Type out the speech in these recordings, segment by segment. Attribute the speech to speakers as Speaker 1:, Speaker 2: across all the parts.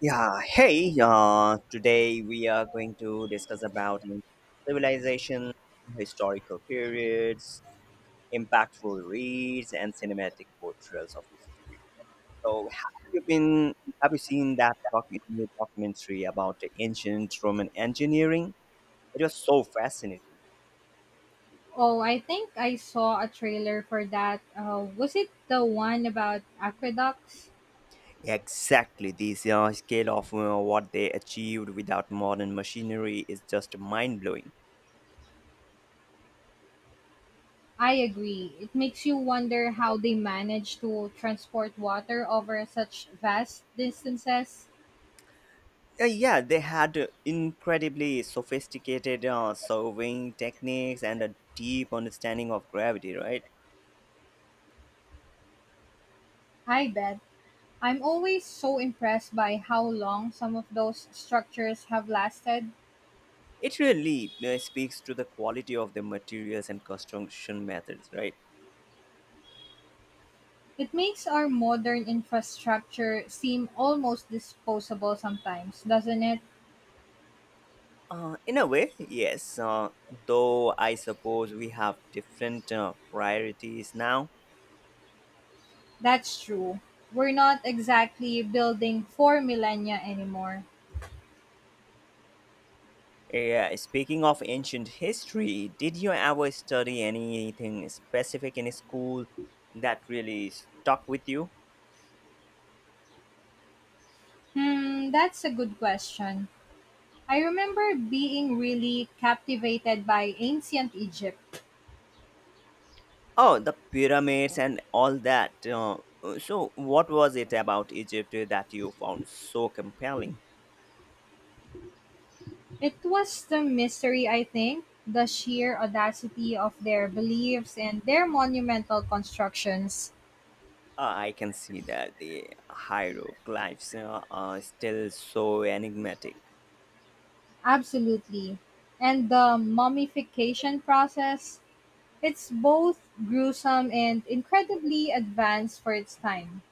Speaker 1: Yeah, hey, today we are going to discuss about civilization, historical periods, impactful reads, and cinematic portrayals of history. So, have you seen that new documentary about the ancient Roman engineering? It was so fascinating.
Speaker 2: Oh, I think I saw a trailer for that. Was it the one about aqueducts?
Speaker 1: Exactly, this scale of what they achieved without modern machinery is just mind blowing.
Speaker 2: I agree. It makes you wonder how they manage to transport water over such vast distances.
Speaker 1: Yeah, they had incredibly sophisticated surveying techniques and a deep understanding of gravity, right?
Speaker 2: I bet. I'm always so impressed by how long some of those structures have lasted.
Speaker 1: It really speaks to the quality of the materials and construction methods, right?
Speaker 2: It makes our modern infrastructure seem almost disposable sometimes, doesn't it?
Speaker 1: In a way, yes, though I suppose we have different priorities now.
Speaker 2: That's true. We're not exactly building for millennia anymore.
Speaker 1: Yeah, speaking of ancient history, did you ever study anything specific in school that really stuck with you?
Speaker 2: Hmm, that's a good question. I remember being really captivated by ancient Egypt.
Speaker 1: Oh, the pyramids and all that. So, what was it about Egypt that you found so compelling?
Speaker 2: It was the mystery, I think, the sheer audacity of their beliefs and their monumental constructions.
Speaker 1: I can see that the hieroglyphs are still so enigmatic.
Speaker 2: Absolutely. And the mummification process, it's both gruesome and incredibly advanced for its time.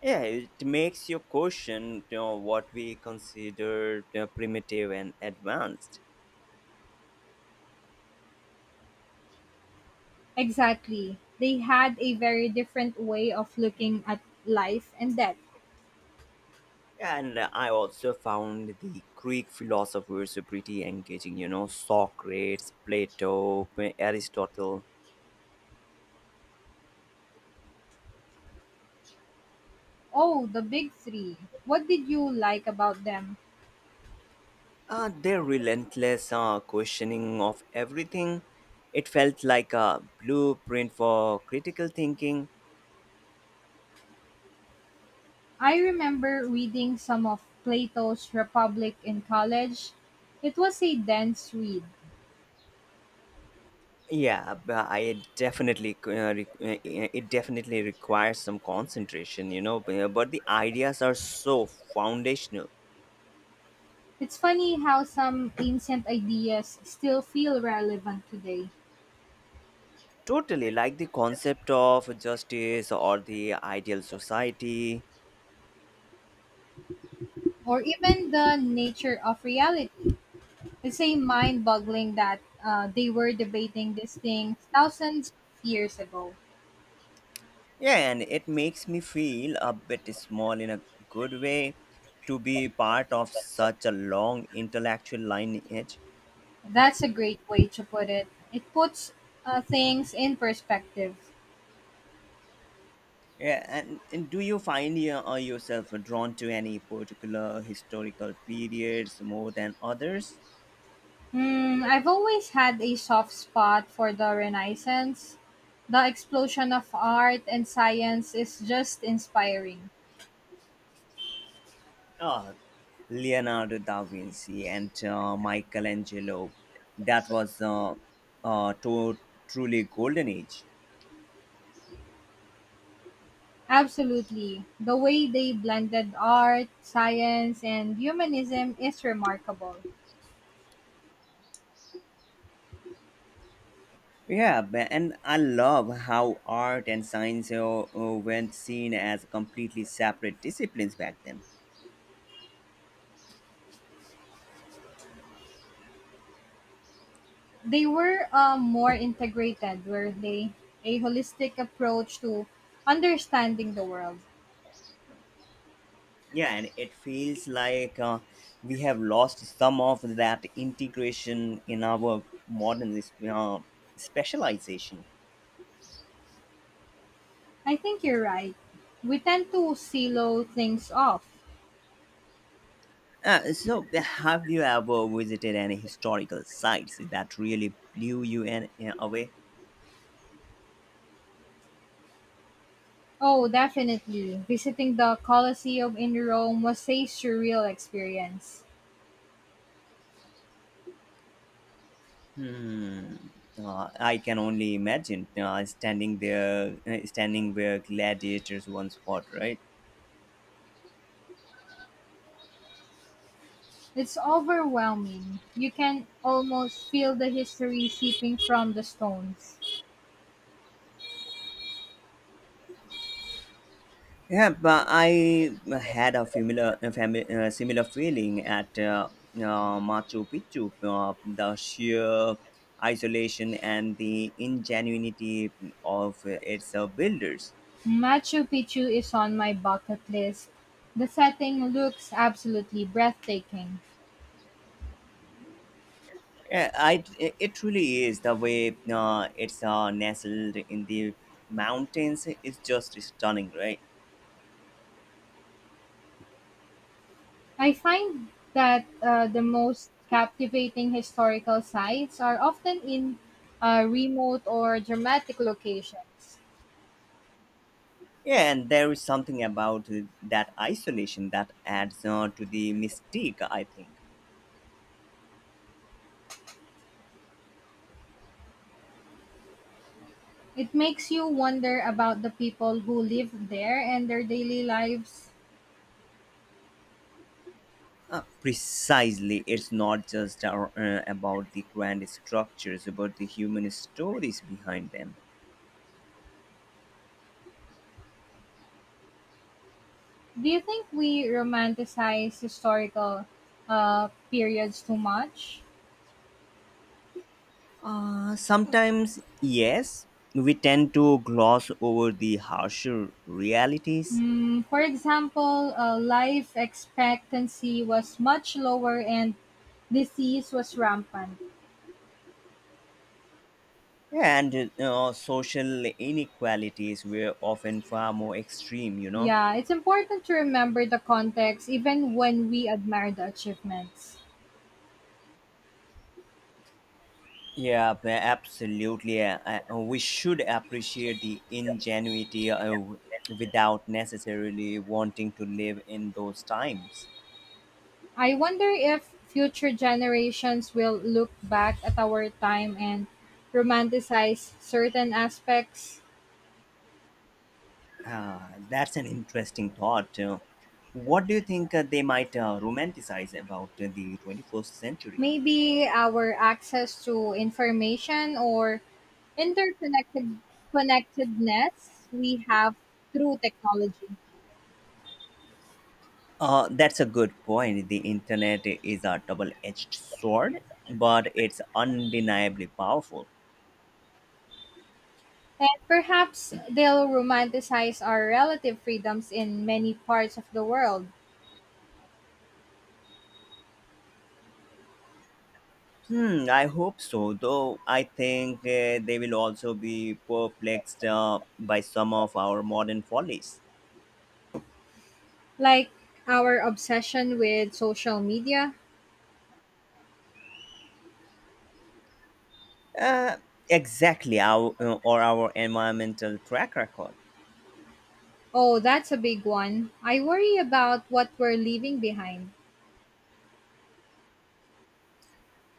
Speaker 1: Yeah, it makes you question what we consider primitive and advanced.
Speaker 2: Exactly. They had a very different way of looking at life and death.
Speaker 1: And I also found the Greek philosophers pretty engaging, you know, Socrates, Plato, Aristotle.
Speaker 2: Oh, the big three. What did you like about them?
Speaker 1: Their relentless questioning of everything, it felt like a blueprint for critical thinking.
Speaker 2: I remember reading some of Plato's Republic in college. It was a dense read.
Speaker 1: Yeah, but yeah, it definitely requires some concentration, you know. But the ideas are so foundational.
Speaker 2: It's funny how some ancient ideas still feel relevant today,
Speaker 1: Totally, like the concept of justice or the ideal society.
Speaker 2: or even the nature of reality. It's a mind boggling that they were debating this thing thousands of years ago.
Speaker 1: Yeah, and it makes me feel a bit small in a good way to be part of such a long intellectual lineage.
Speaker 2: That's a great way to put it. It puts things in perspective.
Speaker 1: Yeah, and do you find yourself drawn to any particular historical periods more than others?
Speaker 2: Hmm, I've always had a soft spot for the Renaissance. The explosion of art and science is just inspiring.
Speaker 1: Ah, Leonardo da Vinci and Michelangelo. That was uh, to, truly golden age.
Speaker 2: Absolutely. The way they blended art, science, and humanism is remarkable.
Speaker 1: Yeah, and I love how art and science weren't seen as completely separate disciplines back then.
Speaker 2: They were more integrated, were they? A holistic approach to understanding the world.
Speaker 1: Yeah, and it feels like we have lost some of that integration in our modern uh, specialization.
Speaker 2: I think you're right. We tend to silo things off.
Speaker 1: So, have you ever visited any historical sites that really blew you away?
Speaker 2: Oh, definitely. Visiting the Colosseum in Rome was a surreal experience.
Speaker 1: Hmm. I can only imagine standing where gladiators once fought, right?
Speaker 2: It's overwhelming. You can almost feel the history seeping from the stones.
Speaker 1: Yeah, but I had a similar feeling at Machu Picchu. The sheer isolation and the ingenuity of its builders.
Speaker 2: Machu Picchu is on my bucket list. The setting looks absolutely breathtaking.
Speaker 1: Yeah, it truly is the way it's nestled in the mountains is just stunning, right?
Speaker 2: I find that the most captivating historical sites are often in remote or dramatic locations.
Speaker 1: Yeah, and there is something about that isolation that adds to the mystique, I think.
Speaker 2: It makes you wonder about the people who lived there and their daily lives.
Speaker 1: Precisely, it's not just about the grand structures, but the human stories behind them.
Speaker 2: Do you think we romanticize historical periods too much?
Speaker 1: Sometimes, yes, we tend to gloss over the harsher realities,
Speaker 2: Mm, for example, life expectancy was much lower and disease was rampant.
Speaker 1: and social inequalities were often far more extreme, you know.
Speaker 2: Yeah, it's important to remember the context even when we admire the achievements.
Speaker 1: Yeah, absolutely. We should appreciate the ingenuity without necessarily wanting to live in those times.
Speaker 2: I wonder if future generations will look back at our time and romanticize certain aspects.
Speaker 1: Uh, that's an interesting thought. What do you think they might romanticize about the 21st century?
Speaker 2: Maybe our access to information or interconnected connectedness we have through technology.
Speaker 1: That's a good point. The internet is a double edged sword, but it's undeniably powerful.
Speaker 2: And perhaps they'll romanticize our relative freedoms in many parts of the world,
Speaker 1: Hmm, I hope so, though I think they will also be perplexed by some of our modern follies.
Speaker 2: like our obsession with social media.
Speaker 1: Uh, exactly, or our environmental track record.
Speaker 2: Oh, that's a big one. I worry about what we're leaving behind.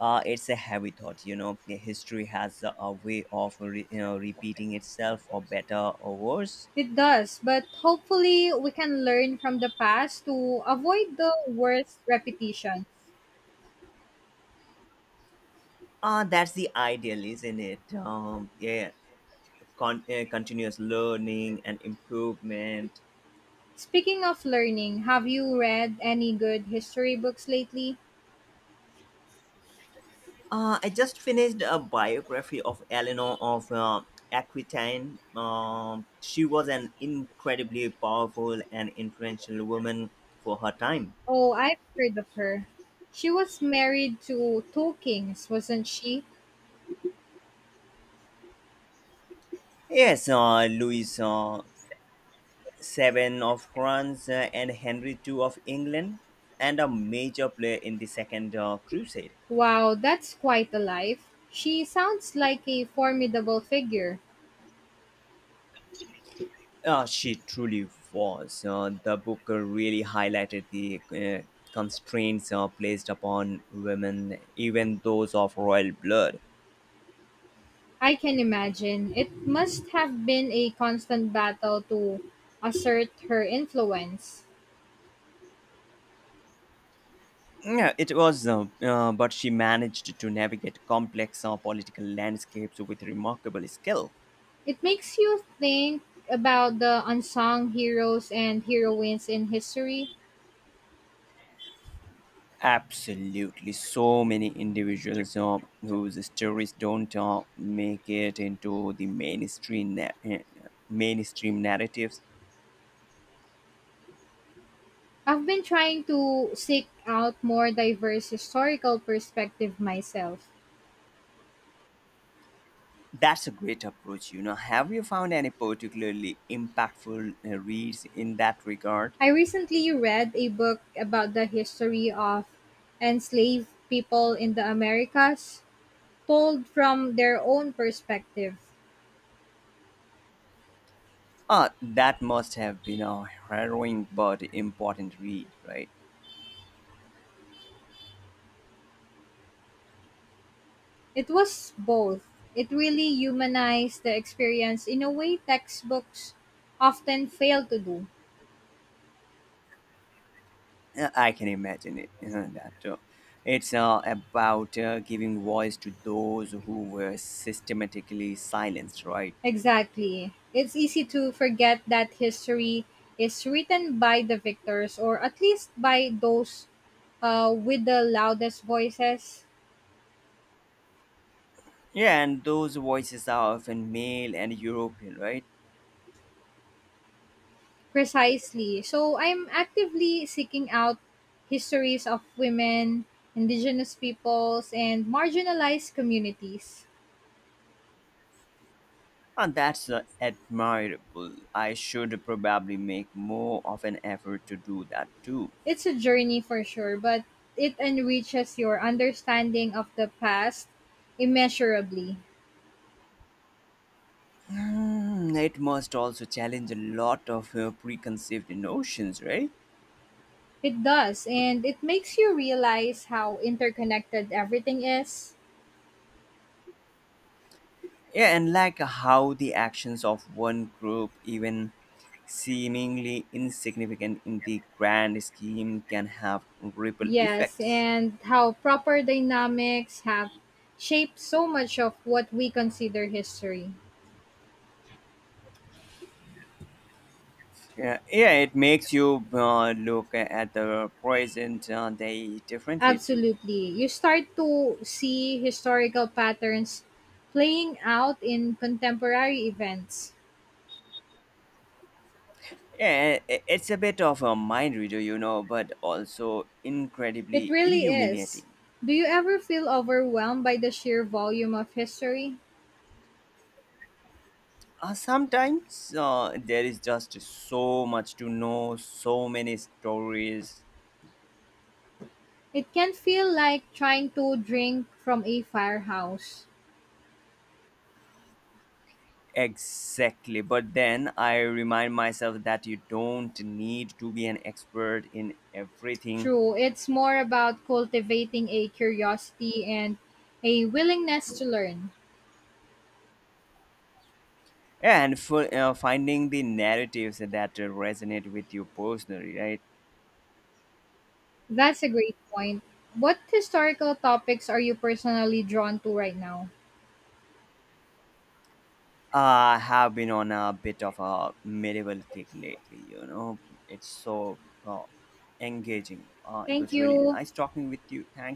Speaker 1: It's a heavy thought, you know. The history has a way of repeating itself for better or worse.
Speaker 2: It does, but hopefully we can learn from the past to avoid the worst repetition.
Speaker 1: That's the ideal, isn't it? Yeah, continuous learning and improvement.
Speaker 2: Speaking of learning, have you read any good history books lately?
Speaker 1: I just finished a biography of Eleanor of Aquitaine. She was an incredibly powerful and influential woman for her time.
Speaker 2: Oh, I've heard of her. She was married to two kings, wasn't she?
Speaker 1: Yes, Louis VII of France and Henry II of England, and a major player in the Second Crusade.
Speaker 2: Wow, that's quite a life. She sounds like a formidable figure.
Speaker 1: She truly was. The book really highlighted the constraints placed upon women, even those of royal blood.
Speaker 2: I can imagine. It must have been a constant battle to assert her influence.
Speaker 1: Yeah, it was, but she managed to navigate complex political landscapes with remarkable skill.
Speaker 2: It makes you think about the unsung heroes and heroines in history.
Speaker 1: Absolutely, so many individuals whose stories don't make it into the mainstream narratives.
Speaker 2: I've been trying to seek out more diverse historical perspective myself.
Speaker 1: That's a great approach, you know. Have you found any particularly impactful reads in that regard?
Speaker 2: I recently read a book about the history of enslaved people in the Americas, told from their own perspective.
Speaker 1: Ah, that must have been a harrowing but important read, right?
Speaker 2: It was both. It really humanized the experience in a way textbooks often fail to do.
Speaker 1: I can imagine it. That It's about giving voice to those who were systematically silenced, right?
Speaker 2: Exactly. It's easy to forget that history is written by the victors or at least by those with the loudest voices.
Speaker 1: Yeah, and those voices are often male and European, right?
Speaker 2: Precisely. So I'm actively seeking out histories of women, indigenous peoples, and marginalized communities.
Speaker 1: And that's admirable. I should probably make more of an effort to do that too.
Speaker 2: It's a journey for sure, but it enriches your understanding of the past immeasurably.
Speaker 1: Hmm, it must also challenge a lot of preconceived notions, right?
Speaker 2: It does, and it makes you realize how interconnected everything is.
Speaker 1: Yeah, and like how the actions of one group, even seemingly insignificant in the grand scheme, can have ripple
Speaker 2: Yes,
Speaker 1: effects.
Speaker 2: and how proper dynamics have shaped so much of what we consider history.
Speaker 1: Yeah, yeah it makes you look at the present day differently too.
Speaker 2: Absolutely. You start to see historical patterns playing out in contemporary events.
Speaker 1: Yeah, it's a bit of a mind reader, you know, but also
Speaker 2: It
Speaker 1: incredibly
Speaker 2: really is.
Speaker 1: illuminating.
Speaker 2: Do you ever feel overwhelmed by the sheer volume of history?
Speaker 1: Sometimes there is just so much to know, so many stories.
Speaker 2: It can feel like trying to drink from a firehouse.
Speaker 1: Exactly. But then I remind myself that you don't need to be an expert in everything.
Speaker 2: True, it's more about cultivating a curiosity and a willingness to learn.
Speaker 1: And for finding the narratives that resonate with you personally, right?
Speaker 2: That's a great point. What historical topics are you personally drawn to right now?
Speaker 1: I have been on a bit of a medieval kick lately, you know. It's so uh, engaging. It
Speaker 2: Thank
Speaker 1: was really
Speaker 2: you.
Speaker 1: nice talking with you. Thank